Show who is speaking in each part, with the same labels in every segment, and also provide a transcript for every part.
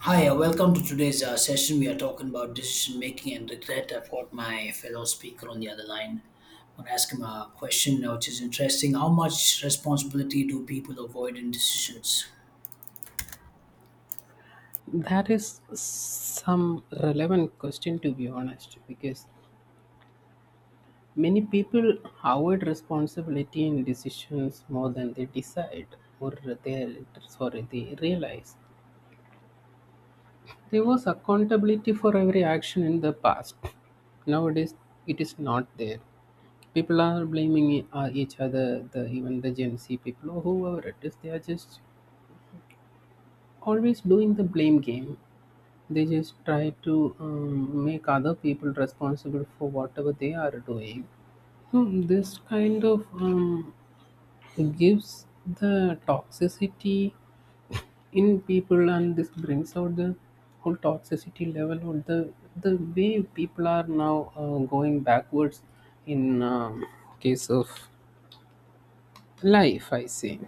Speaker 1: Hi, welcome to today's session. We are talking about decision making and regret. I've got my fellow speaker on the other line. I'm going to ask him a question, which is interesting. How much responsibility do people avoid in decisions?
Speaker 2: That is some relevant question to be honest, because many people avoid responsibility in decisions more than they decide, or they, sorry, they realize. There was accountability for every action in the past. Nowadays, it is not there. People are blaming each other, the even the Gen Z people or whoever it is. They are just always doing the blame game. They just try to make other people responsible for whatever they are doing. So this kind of gives the toxicity in people, and this brings out the whole toxicity level, or the way people are now going backwards in case of life, I say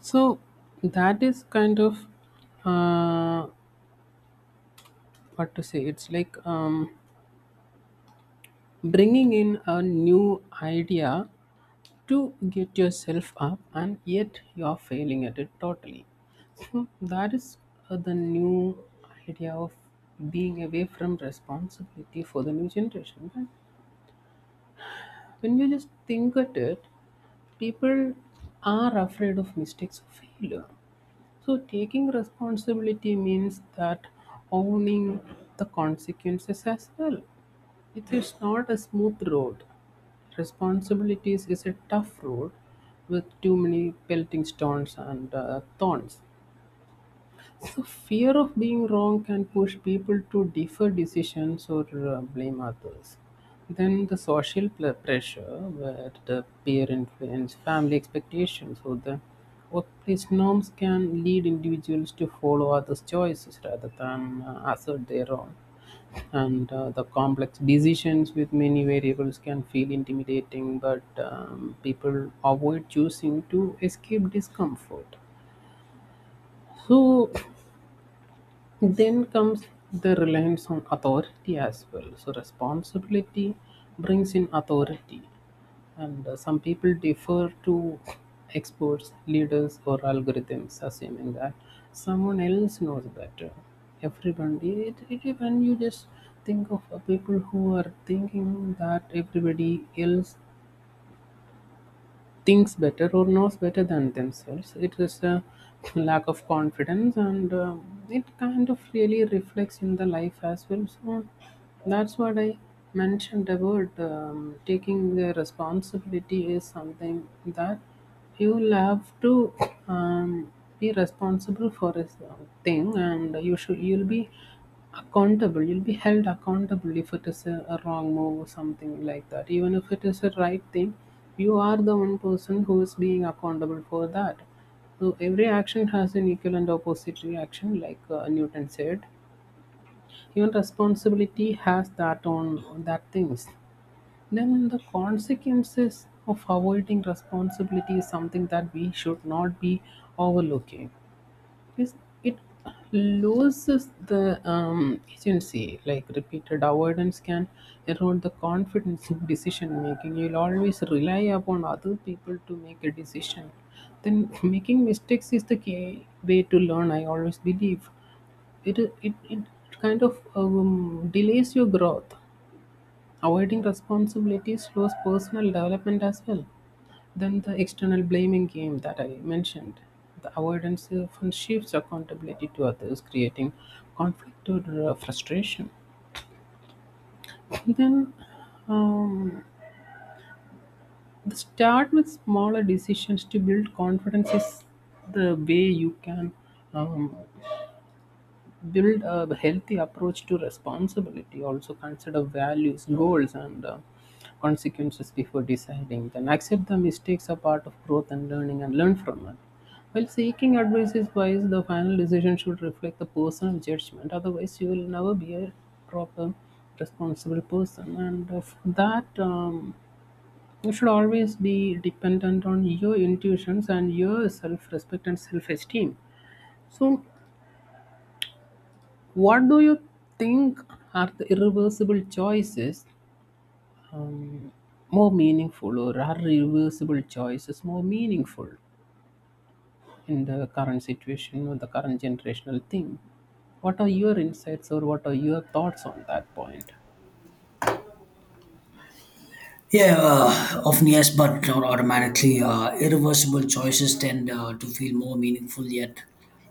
Speaker 2: so. That is kind of uh, what to say. It's like bringing in a new idea to get yourself up and yet you're failing at it totally, so that is the new idea of being away from responsibility for the new generation. And when you just think at it, people are afraid of mistakes, of failure, so taking responsibility means that owning the consequences as well. It is not a smooth road. Responsibilities is a tough road with too many pelting stones and thorns. So fear of being wrong can push people to defer decisions or blame others. Then the social pressure, where the peer influence, family expectations, or the workplace norms can lead individuals to follow others' choices rather than assert their own. And the complex decisions with many variables can feel intimidating, but people avoid choosing to escape discomfort. So then comes the reliance on authority as well. So responsibility brings in authority, and some people defer to experts, leaders, or algorithms, assuming that someone else knows better. Everybody, when you just think of people who are thinking that everybody else thinks better or knows better than themselves. It is a lack of confidence, and it kind of really reflects in the life as well. So that's what I mentioned about taking the responsibility is something that you'll have to um, be responsible for this thing, and you'll be accountable. You'll be held accountable if it is a wrong move or something like that. Even if it is a right thing, you are the one person who is being accountable for that. So every action has an equal and opposite reaction, like Newton said. Even responsibility has that on that things. Then the consequences of avoiding responsibility is something that we should not be overlooking. Is it loses the agency. Like, repeated avoidance can erode the confidence in decision making. You'll always rely upon other people to make a decision. Then making mistakes is the key way to learn. I always believe it kind of delays your growth. Avoiding responsibility slows personal development as well. Then the external blaming game that I mentioned. The avoidance often shifts accountability to others, creating conflict or frustration. Then um, the start with smaller decisions to build confidence is the way you can um, build a healthy approach to responsibility. Also, consider values, goals, and consequences before deciding. Then accept the mistakes are part of growth and learning, and learn from it. While seeking advice is wise, the final decision should reflect the personal judgment. Otherwise, you will never be a proper responsible person, and for that, you should always be dependent on your intuitions and your self-respect and self-esteem. So what do you think, are the irreversible choices um, more meaningful, or are reversible choices more meaningful in the current situation or the current generational thing? What are your insights, or what are your thoughts on that point?
Speaker 1: Yeah, often yes, but not automatically. Irreversible choices tend to feel more meaningful, yet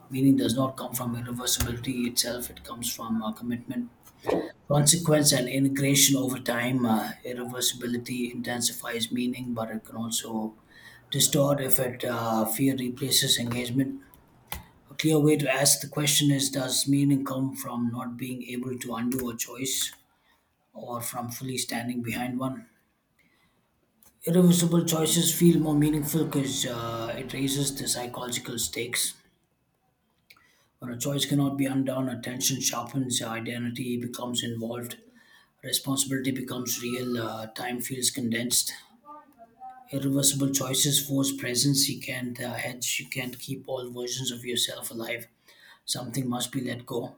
Speaker 1: meaning does not come from irreversibility itself. It comes from commitment. Consequence and integration over time, irreversibility intensifies meaning, but it can also distort if it fear replaces engagement. A clear way to ask the question is: does meaning come from not being able to undo a choice, or from fully standing behind one? Irreversible choices feel more meaningful because it raises the psychological stakes. When a choice cannot be undone, attention sharpens, identity becomes involved, responsibility becomes real, time feels condensed. Irreversible choices force presence. You can't hedge, you can't keep all versions of yourself alive. Something must be let go.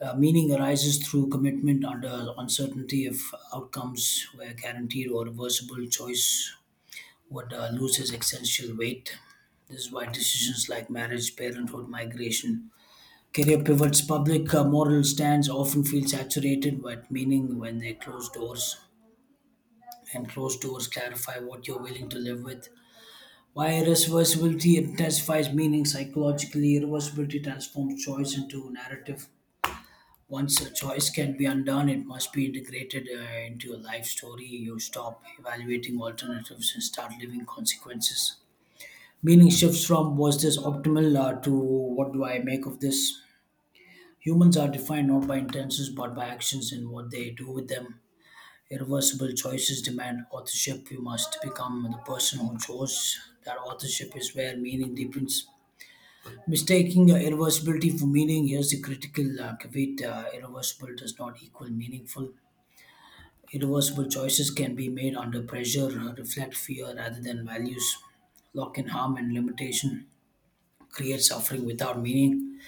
Speaker 1: Meaning arises through commitment under uncertainty. If outcomes were guaranteed or reversible, choice would lose its essential weight. This is why decisions like marriage, parenthood, migration, career pivots, public moral stands often feel saturated with meaning when they close doors. And closed doors clarify what you're willing to live with. Why irreversibility intensifies meaning: psychologically, irreversibility transforms choice into narrative. Once a choice can be undone, it must be integrated into your life story. You stop evaluating alternatives and start living consequences. Meaning shifts from "was this optimal" to "what do I make of this?" Humans are defined not by intentions but by actions and what they do with them. Irreversible choices demand authorship. You must become the person who chose. That authorship is where meaning deepens. Mistaking irreversibility for meaning, here's the critical caveat: irreversible does not equal meaningful. Irreversible choices can be made under pressure, reflect fear rather than values, lock in harm and limitation, create suffering without meaning.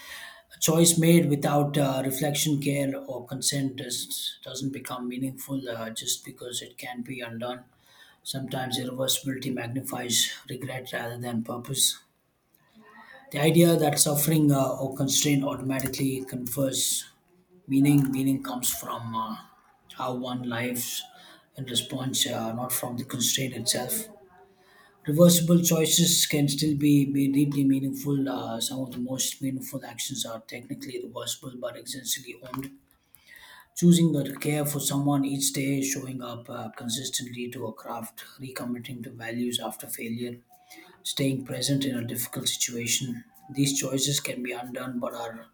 Speaker 1: A choice made without reflection, care, or consent doesn't become meaningful just because it can be undone. Sometimes irreversibility magnifies regret rather than purpose. The idea that suffering or constraint automatically confers meaning — meaning comes from how one lives in response, not from the constraint itself. Reversible choices can still be deeply meaningful. Some of the most meaningful actions are technically reversible but essentially owned. Choosing to care for someone each day, showing up consistently to a craft, recommitting to values after failure, staying present in a difficult situation. These choices can be undone but are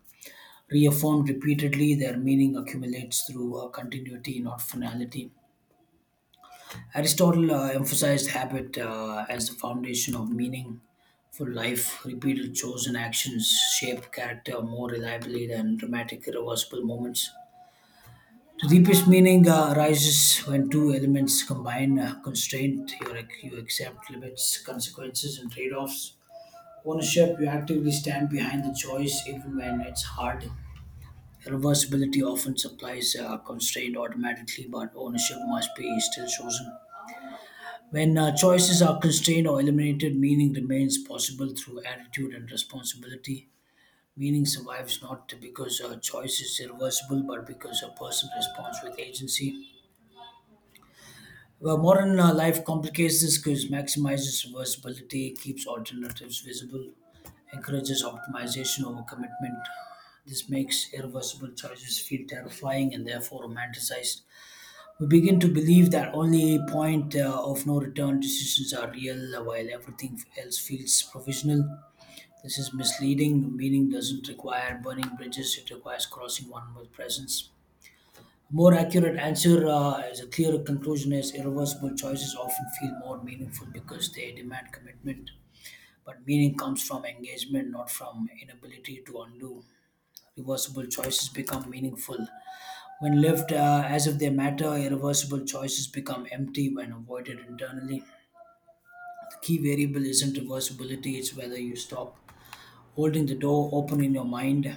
Speaker 1: reaffirmed repeatedly. Their meaning accumulates through continuity, not finality. Aristotle emphasized habit as the foundation of meaning for life. Repeated chosen actions shape character more reliably than dramatic, irreversible moments. The deepest meaning arises when two elements combine. Constraint: you accept limits, consequences, and trade offs. Ownership: you actively stand behind the choice even when it's hard. Reversibility often supplies a constraint automatically, but ownership must be still chosen. When choices are constrained or eliminated, meaning remains possible through attitude and responsibility. Meaning survives not because a choice is irreversible, but because a person responds with agency. Well, modern life complicates this because maximizes reversibility, keeps alternatives visible, encourages optimization over commitment. This makes irreversible choices feel terrifying and therefore romanticized. We begin to believe that only point of no return decisions are real, while everything else feels provisional. This is misleading. Meaning doesn't require burning bridges; it requires crossing one with presence. A more accurate answer is a clearer conclusion: is irreversible choices often feel more meaningful because they demand commitment. But meaning comes from engagement, not from inability to undo. Reversible choices become meaningful when left as if they matter; irreversible choices become empty when avoided internally. The key variable isn't reversibility, it's whether you stop holding the door open in your mind.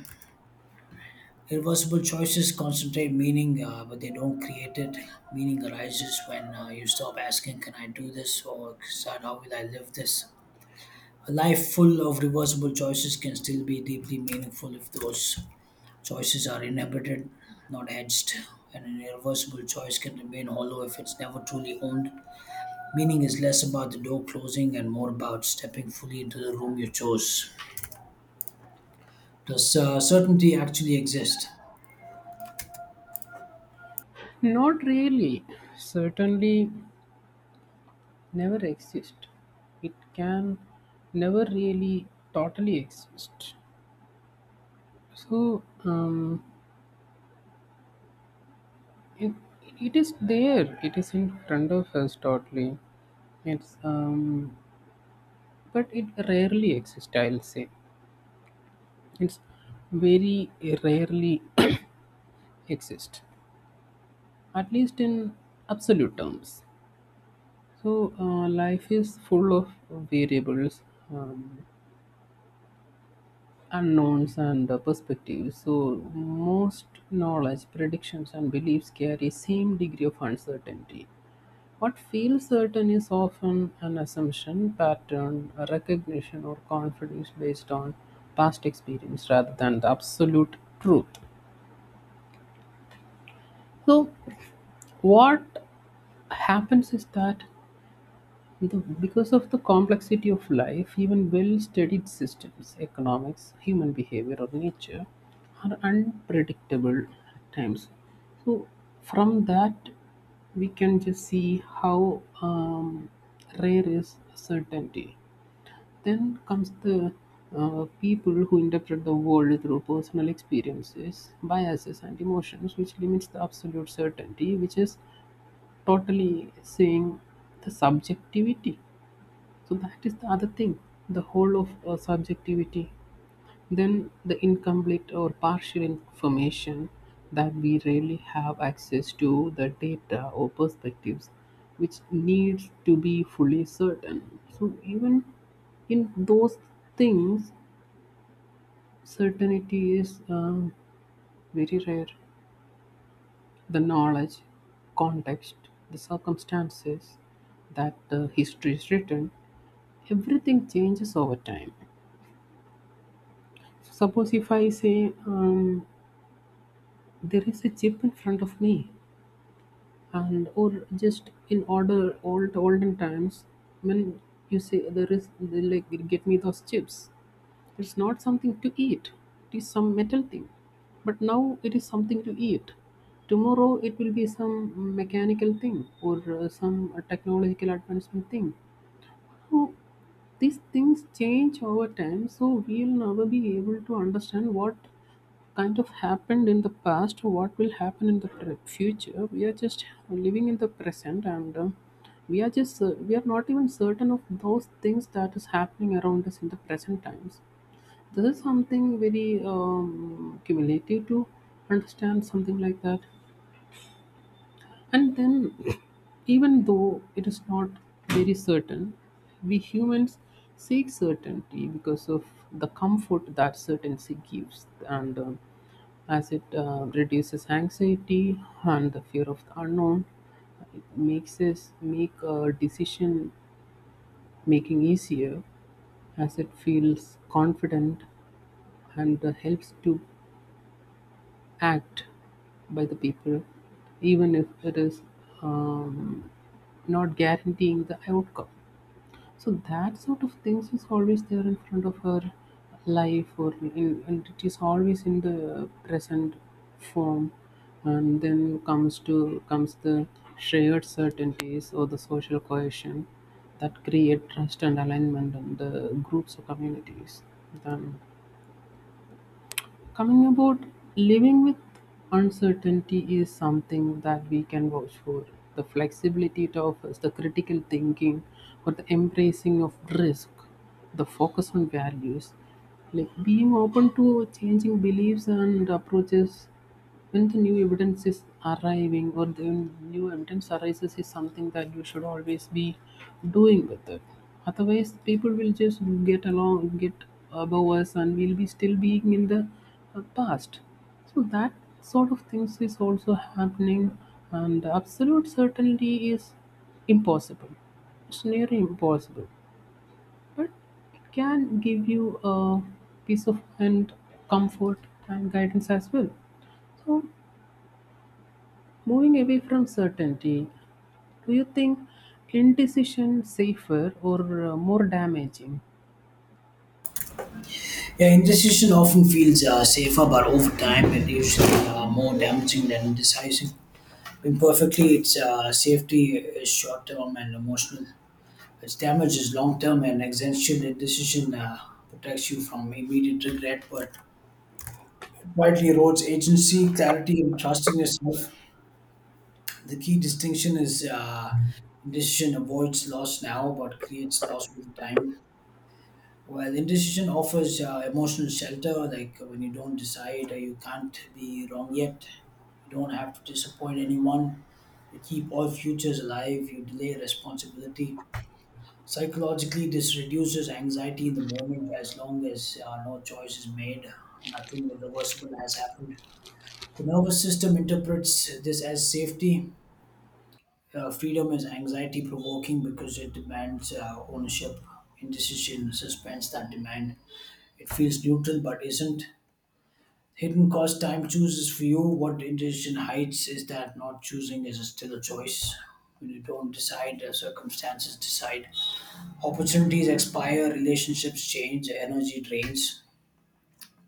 Speaker 1: Irreversible choices concentrate meaning, but they don't create it. Meaning arises when you stop asking, "Can I do this?" or decide "how will I live this?" A life full of reversible choices can still be deeply meaningful if those choices are inhabited, not hedged, and an irreversible choice can remain hollow if it's never truly owned. Meaning is less about the door closing and more about stepping fully into the room you chose. Does certainty actually exist?
Speaker 2: Not really. Certainly, never exist. It can never really totally exist. So. It, it is there. It is in front of us totally. It's But it rarely exists. I'll say it's very rarely exist, at least in absolute terms. So life is full of variables. Um, Unknowns and perspectives. So most knowledge, predictions, and beliefs carry same degree of uncertainty. What feels certain is often an assumption, pattern, a recognition, or confidence based on past experience rather than the absolute truth. So what happens is that, The- because of the complexity of life, even well studied systems, economics, human behavior, or nature, are unpredictable at times. So, from that, we can just see how rare is certainty. Then comes the people who interpret the world through personal experiences, biases, and emotions, which limits the absolute certainty, which is totally saying the subjectivity. So that is the other thing, the whole of subjectivity. Then the incomplete or partial information, that we rarely have access to the data or perspectives which needs to be fully certain. So even in those things, certainty is very rare. The knowledge, context, the circumstances that history is written, everything changes over time. Suppose if I say there is a chip in front of me, and or just in order old olden times, when you say there is like get me those chips, it's not something to eat. It is some metal thing, but now it is something to eat. Tomorrow it will be some mechanical thing or some technological advancement thing. So these things change over time, so we'll never be able to understand what kind of happened in the past, what will happen in the future. We are just living in the present, and we are not even certain of those things that is happening around us in the present times. This is something very cumulative to understand something like that. And then even though it is not very certain, we humans seek certainty because of the comfort that certainty gives, and as it reduces anxiety and the fear of the unknown, it makes us make decision making easier, as it feels confident and helps to act by the people, even if it is um, not guaranteeing the outcome. So that sort of things is always there in front of her life, or in, and it is always in the present form. And then comes the shared certainties or the social cohesion that create trust and alignment in the groups or communities. Then coming about living with uncertainty is something that we can vouch for. The flexibility it offers, the critical thinking, or the embracing of risk, the focus on values, like being open to changing beliefs and approaches when the new evidence is arriving or the new evidence arises, is something that you should always be doing with it. Otherwise, people will just get along, get above us, and we'll be still being in the past. So that sort of things is also happening, and absolute certainty is impossible. It's nearly impossible, but it can give you a peace of mind, comfort, and guidance as well. So, moving away from certainty, do you think indecision safer or more damaging?
Speaker 1: Yeah, indecision often feels safer, but over time, it usually more damaging than decisive. Imperfectly, its safety is short term and emotional. Its damage is long term and existential. Indecision protects you from immediate regret, but quietly erodes agency, clarity, and trust in yourself. The key distinction is indecision avoids loss now but creates loss with time. While indecision offers emotional shelter, like when you don't decide, or you can't be wrong yet, you don't have to disappoint anyone, you keep all futures alive, you delay responsibility. Psychologically, this reduces anxiety in the moment. As long as no choice is made, nothing irreversible has happened. The nervous system interprets this as safety. Freedom is anxiety provoking because it demands ownership, indecision, suspense that demand. It feels neutral but isn't. Hidden cost: time chooses for you. What indecision hides is that not choosing is still a choice. When you don't decide, circumstances decide. Opportunities expire, relationships change, energy drains.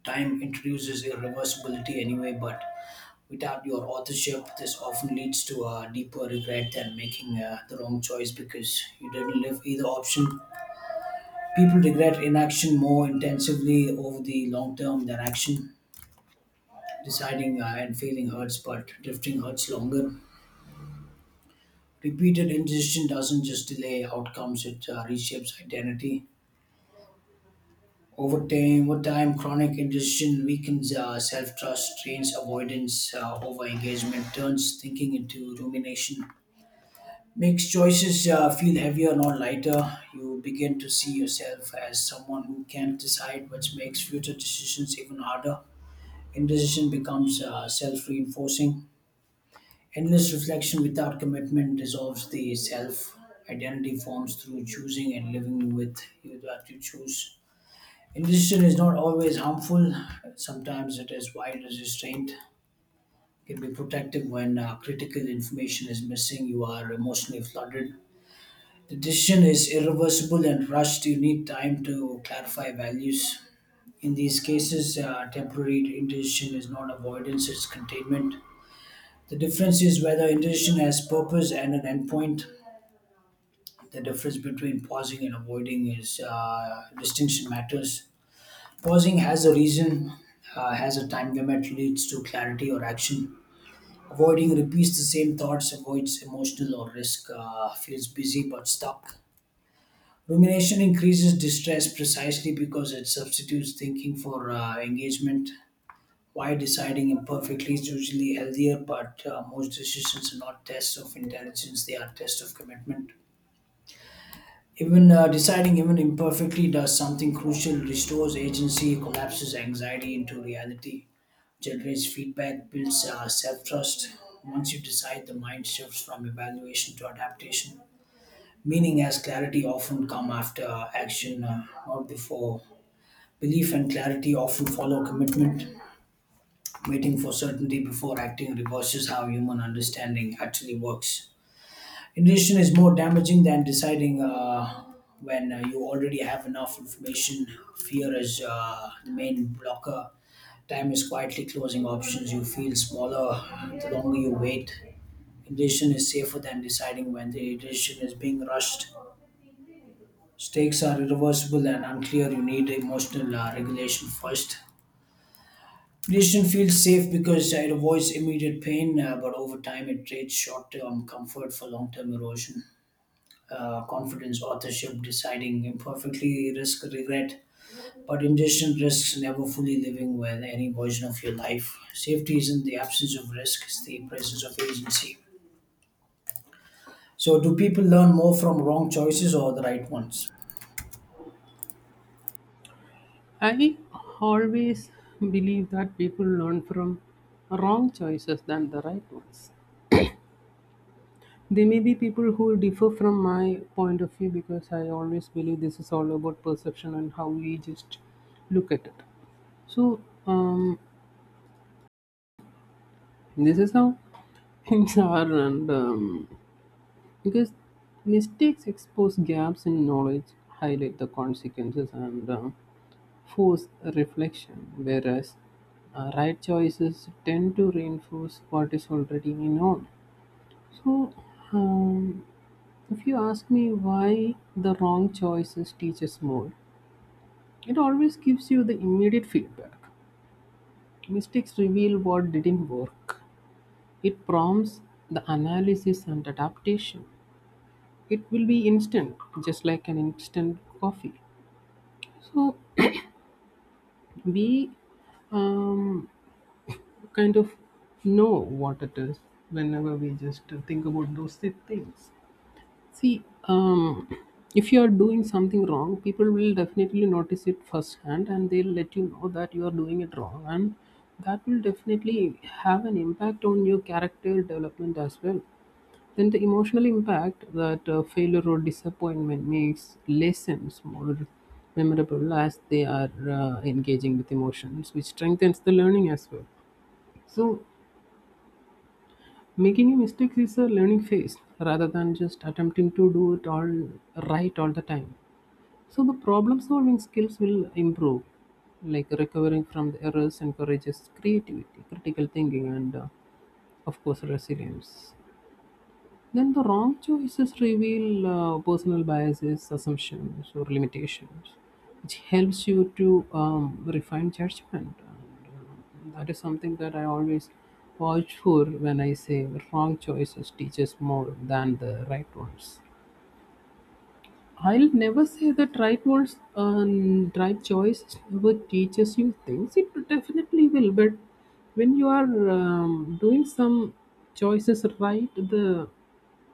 Speaker 1: Time introduces irreversibility anyway, but without your authorship, this often leads to a deeper regret than making the wrong choice, because you didn't live either option. People regret inaction more intensively over the long term than action. Deciding and failing hurts, but drifting hurts longer. Repeated indecision doesn't just delay outcomes, it reshapes identity. Over time, chronic indecision weakens self-trust, trains avoidance over engagement, turns thinking into rumination, makes choices feel heavier, not lighter. You begin to see yourself as someone who can't decide, which makes future decisions even harder. Indecision becomes self reinforcing. Endless reflection without commitment dissolves the self. Identity forms through choosing and living with you that you choose. Indecision is not always harmful. Sometimes it is wild as restraint. It can be protective when critical information is missing, you are emotionally flooded, the decision is irreversible and rushed. You need time to clarify values. In these cases, temporary indecision is not avoidance, it's containment. The difference is whether indecision has purpose and an endpoint. The difference between pausing and avoiding is distinction matters. Pausing has a reason, has a time limit, leads to clarity or action. Avoiding repeats the same thoughts, avoids emotional or risk, feels busy but stuck. Rumination increases distress precisely because it substitutes thinking for engagement. Why deciding imperfectly is usually healthier: but most decisions are not tests of intelligence, they are tests of commitment. Even deciding even imperfectly does something crucial: restores agency, collapses anxiety into reality, generates feedback, builds self trust. Once you decide, the mind shifts from evaluation to adaptation. Meaning as clarity often come after action, not before. Belief and clarity often follow commitment. Waiting for certainty before acting reverses how human understanding actually works. Indecision is more damaging than deciding when you already have enough information. Fear is the main blocker. Time is quietly closing options. You feel smaller the longer you wait. Indecision is safer than deciding when the decision is being rushed. Stakes are irreversible and unclear. You need emotional regulation first. Tradition feels safe because it avoids immediate pain, but over time it trades short term comfort for long term erosion. Confidence, authorship, deciding imperfectly, risk regret, but indecision risks never fully living with any version of your life. Safety isn't the absence of risk, it's the presence of agency. So, do people learn more from wrong choices or the right ones?
Speaker 2: I always believe that people learn from wrong choices than the right ones. There may be people who differ from my point of view, because I always believe this is all about perception and how we just look at it. So um, this is how things are, and because mistakes expose gaps in knowledge, highlight the consequences, and force reflection, whereas right choices tend to reinforce what is already known. So, um, if you ask me why the wrong choices teach us more, it always gives you the immediate feedback. Mistakes reveal what didn't work. It prompts the analysis and adaptation. It will be instant, just like an instant coffee. So, we um, kind of know what it is whenever we just think about those things. See, if you are doing something wrong, people will definitely notice it firsthand and they'll let you know that you are doing it wrong. And that will definitely have an impact on your character development as well. Then the emotional impact that failure or disappointment makes lessons more memorable, as they are engaging with emotions, which strengthens the learning as well. So, making a mistake is a learning phase rather than just attempting to do it all right all the time. So the problem solving skills will improve. Like, recovering from the errors encourages creativity, critical thinking, and of course resilience. Then the wrong choices reveal personal biases, assumptions, or limitations, which helps you to refine judgment. And that is something that I always watch for when I say wrong choices teaches more than the right ones. I'll never say that right words and right choice never teaches you things. It definitely will, but when you are doing some choices right, the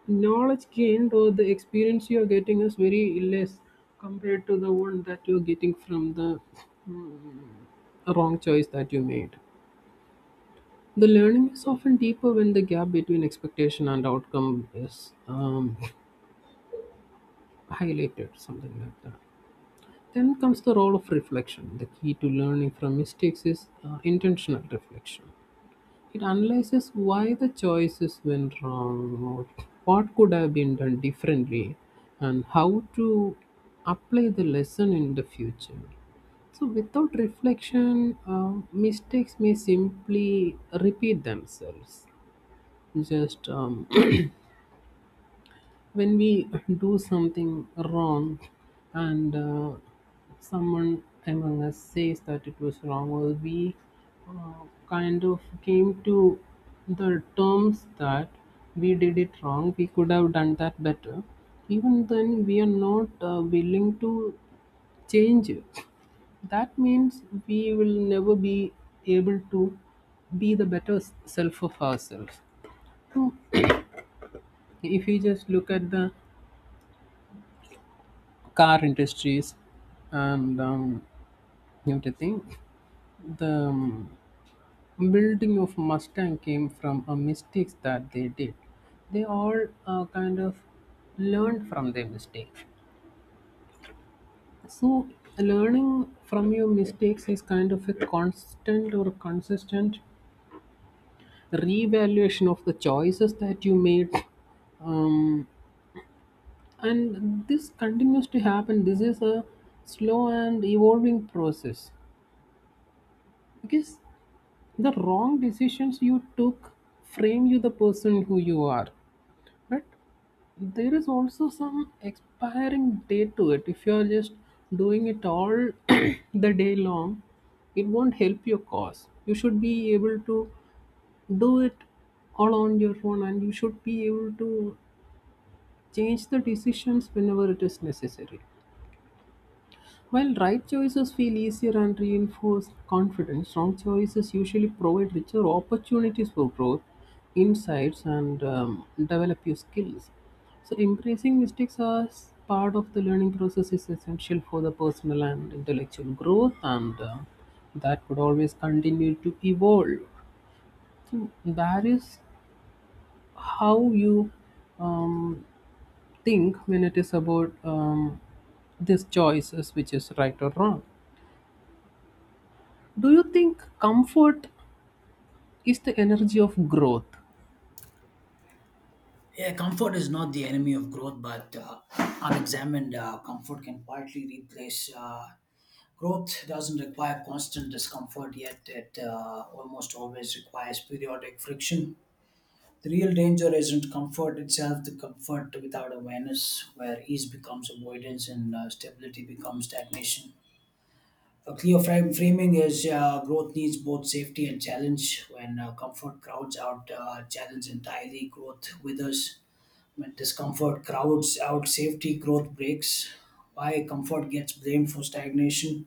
Speaker 2: knowledge gained or the experience you are getting is very less compared to the one that you're getting from the mm, wrong choice that you made. The learning is often deeper when the gap between expectation and outcome is highlighted, something like that. Then comes the role of reflection. The key to learning from mistakes is intentional reflection. It analyzes why the choices went wrong, or what could have been done differently, and how to apply the lesson in the future. So, without reflection, mistakes may simply repeat themselves. Just when we do something wrong, and someone among us says that it was wrong, or we uh, kind of came to the terms that we did it wrong, we could have done that better, even then we are not willing to change it. That means we will never be able to be the better self of ourselves. So, if you just look at the car industries and everything, the building of Mustang came from a mistakes that they did. They all kind of learned from their mistakes. So learning from your mistakes is kind of a constant or consistent revaluation of the choices that you made, um, and this continues to happen. This is a slow and evolving process, because the wrong decisions you took frame you the person who you are, but there is also some expiring date to it. If you are just doing it all the day long, it won't help your cause. You should be able to do it all on your own, and you should be able to change the decisions whenever it is necessary. While right choices feel easier and reinforce confidence, wrong choices usually provide richer opportunities for growth, insights, and develop your skills. So, embracing mistakes as part of the learning process is essential for the personal and intellectual growth, and that would always continue to evolve. So that is how you um, think when it is about these choices, which is right or wrong. Do you think comfort is the energy of growth?
Speaker 1: Yeah, comfort is not the enemy of growth, but unexamined comfort can quietly replace. Growth doesn't require constant discomfort, yet it almost always requires periodic friction. The real danger isn't comfort itself, the comfort without awareness, where ease becomes avoidance and stability becomes stagnation. A clear frame framing is growth needs both safety and challenge. When comfort crowds out challenge entirely, growth withers; discomfort crowds out safety, growth breaks. Why comfort gets blamed for stagnation?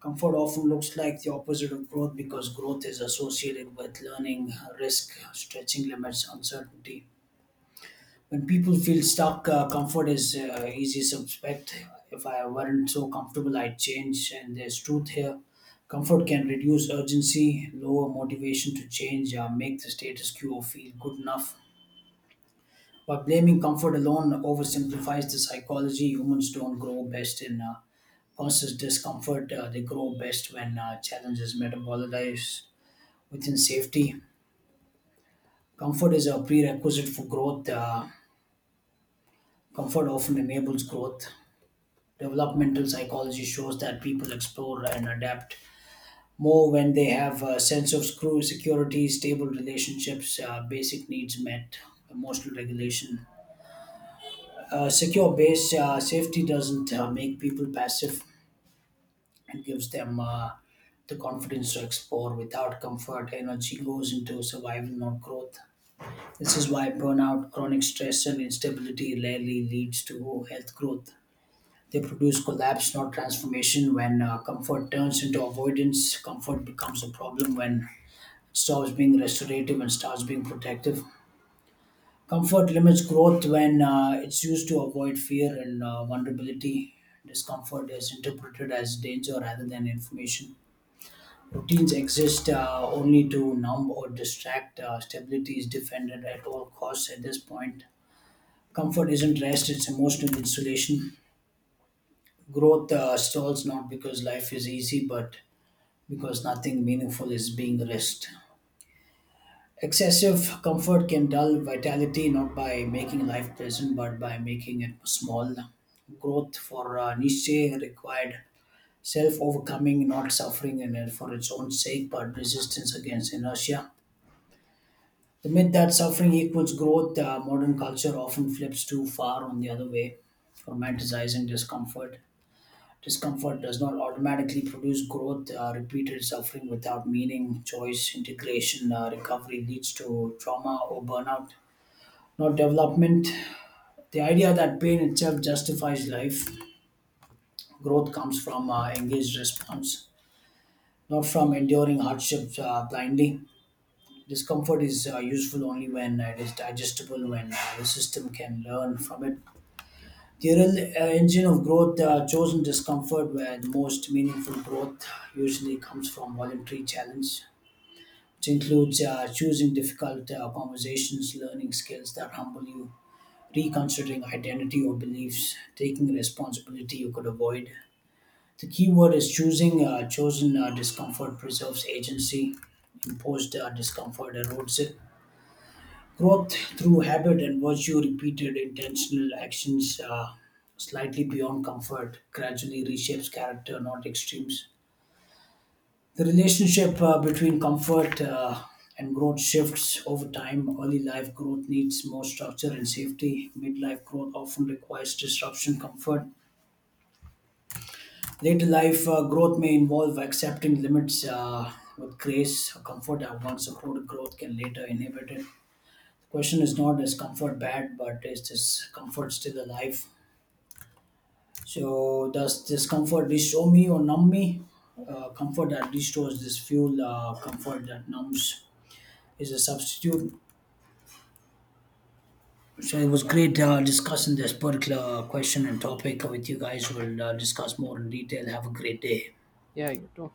Speaker 1: Comfort often looks like the opposite of growth because growth is associated with learning, risk, stretching limits, uncertainty. When people feel stuck, comfort is easy suspect. If I weren't so comfortable, I'd change, and there's truth here. Comfort can reduce urgency, lower motivation to change, make the status quo feel good enough, but blaming comfort alone oversimplifies the psychology. Humans don't grow best in constant discomfort, they grow best when challenges metabolize within safety. Comfort is a prerequisite for growth. Comfort often enables growth. Developmental psychology shows that people explore and adapt more when they have a sense of screw security, stable relationships, basic needs met, emotional regulation, a secure base. Safety doesn't make people passive. It gives them the confidence to explore. Without comfort, energy goes into survival, not growth. This is why burnout, chronic stress, and instability rarely leads to health growth. They produce collapse, not transformation. When comfort turns into avoidance, comfort becomes a problem when it stops being restorative and starts being protective. Comfort limits growth when it's used to avoid fear and vulnerability. Discomfort is interpreted as danger rather than information. Routines exist only to numb or distract. Stability is defended at all costs at this point. Comfort isn't rest, it's emotional insulation. Growth stalls not because life is easy, but because nothing meaningful is being risked. Excessive comfort can dull vitality not by making life pleasant but by making it small. Growth for Nietzsche required self overcoming, not suffering in it for its own sake, but resistance against inertia. The myth that suffering equals growth: modern culture often flips too far on the other way, romanticizing discomfort. Discomfort does not automatically produce growth. Repeated suffering without meaning, choice, integration, recovery leads to trauma or burnout, not development. The idea that pain itself justifies life. Growth comes from engaged response, not from enduring hardships blindly. Discomfort is useful only when it is digestible, when the system can learn from it. The real engine of growth, chosen discomfort, where the most meaningful growth usually comes from voluntary challenge, which includes choosing difficult conversations, learning skills that humble you, reconsidering identity or beliefs, taking responsibility you could avoid. The key word is choosing. Chosen discomfort preserves agency, imposed discomfort erodes it. Growth through habit and virtue, repeated intentional actions slightly beyond comfort, gradually reshapes character, not extremes. The relationship between comfort and growth shifts over time. Early life growth needs more structure and safety. Midlife growth often requires disruption, comfort. Later life growth may involve accepting limits with grace. A comfort that once supported growth can later inhibit it. The question is not "is comfort bad," but "is this comfort still alive?" So, does this comfort restore me or numb me? Comfort that restores this fuel, comfort that numbs is a substitute. So it was great discussing this particular question and topic with you guys. We'll discuss more in detail. Have a great day.
Speaker 2: Yeah, you talk.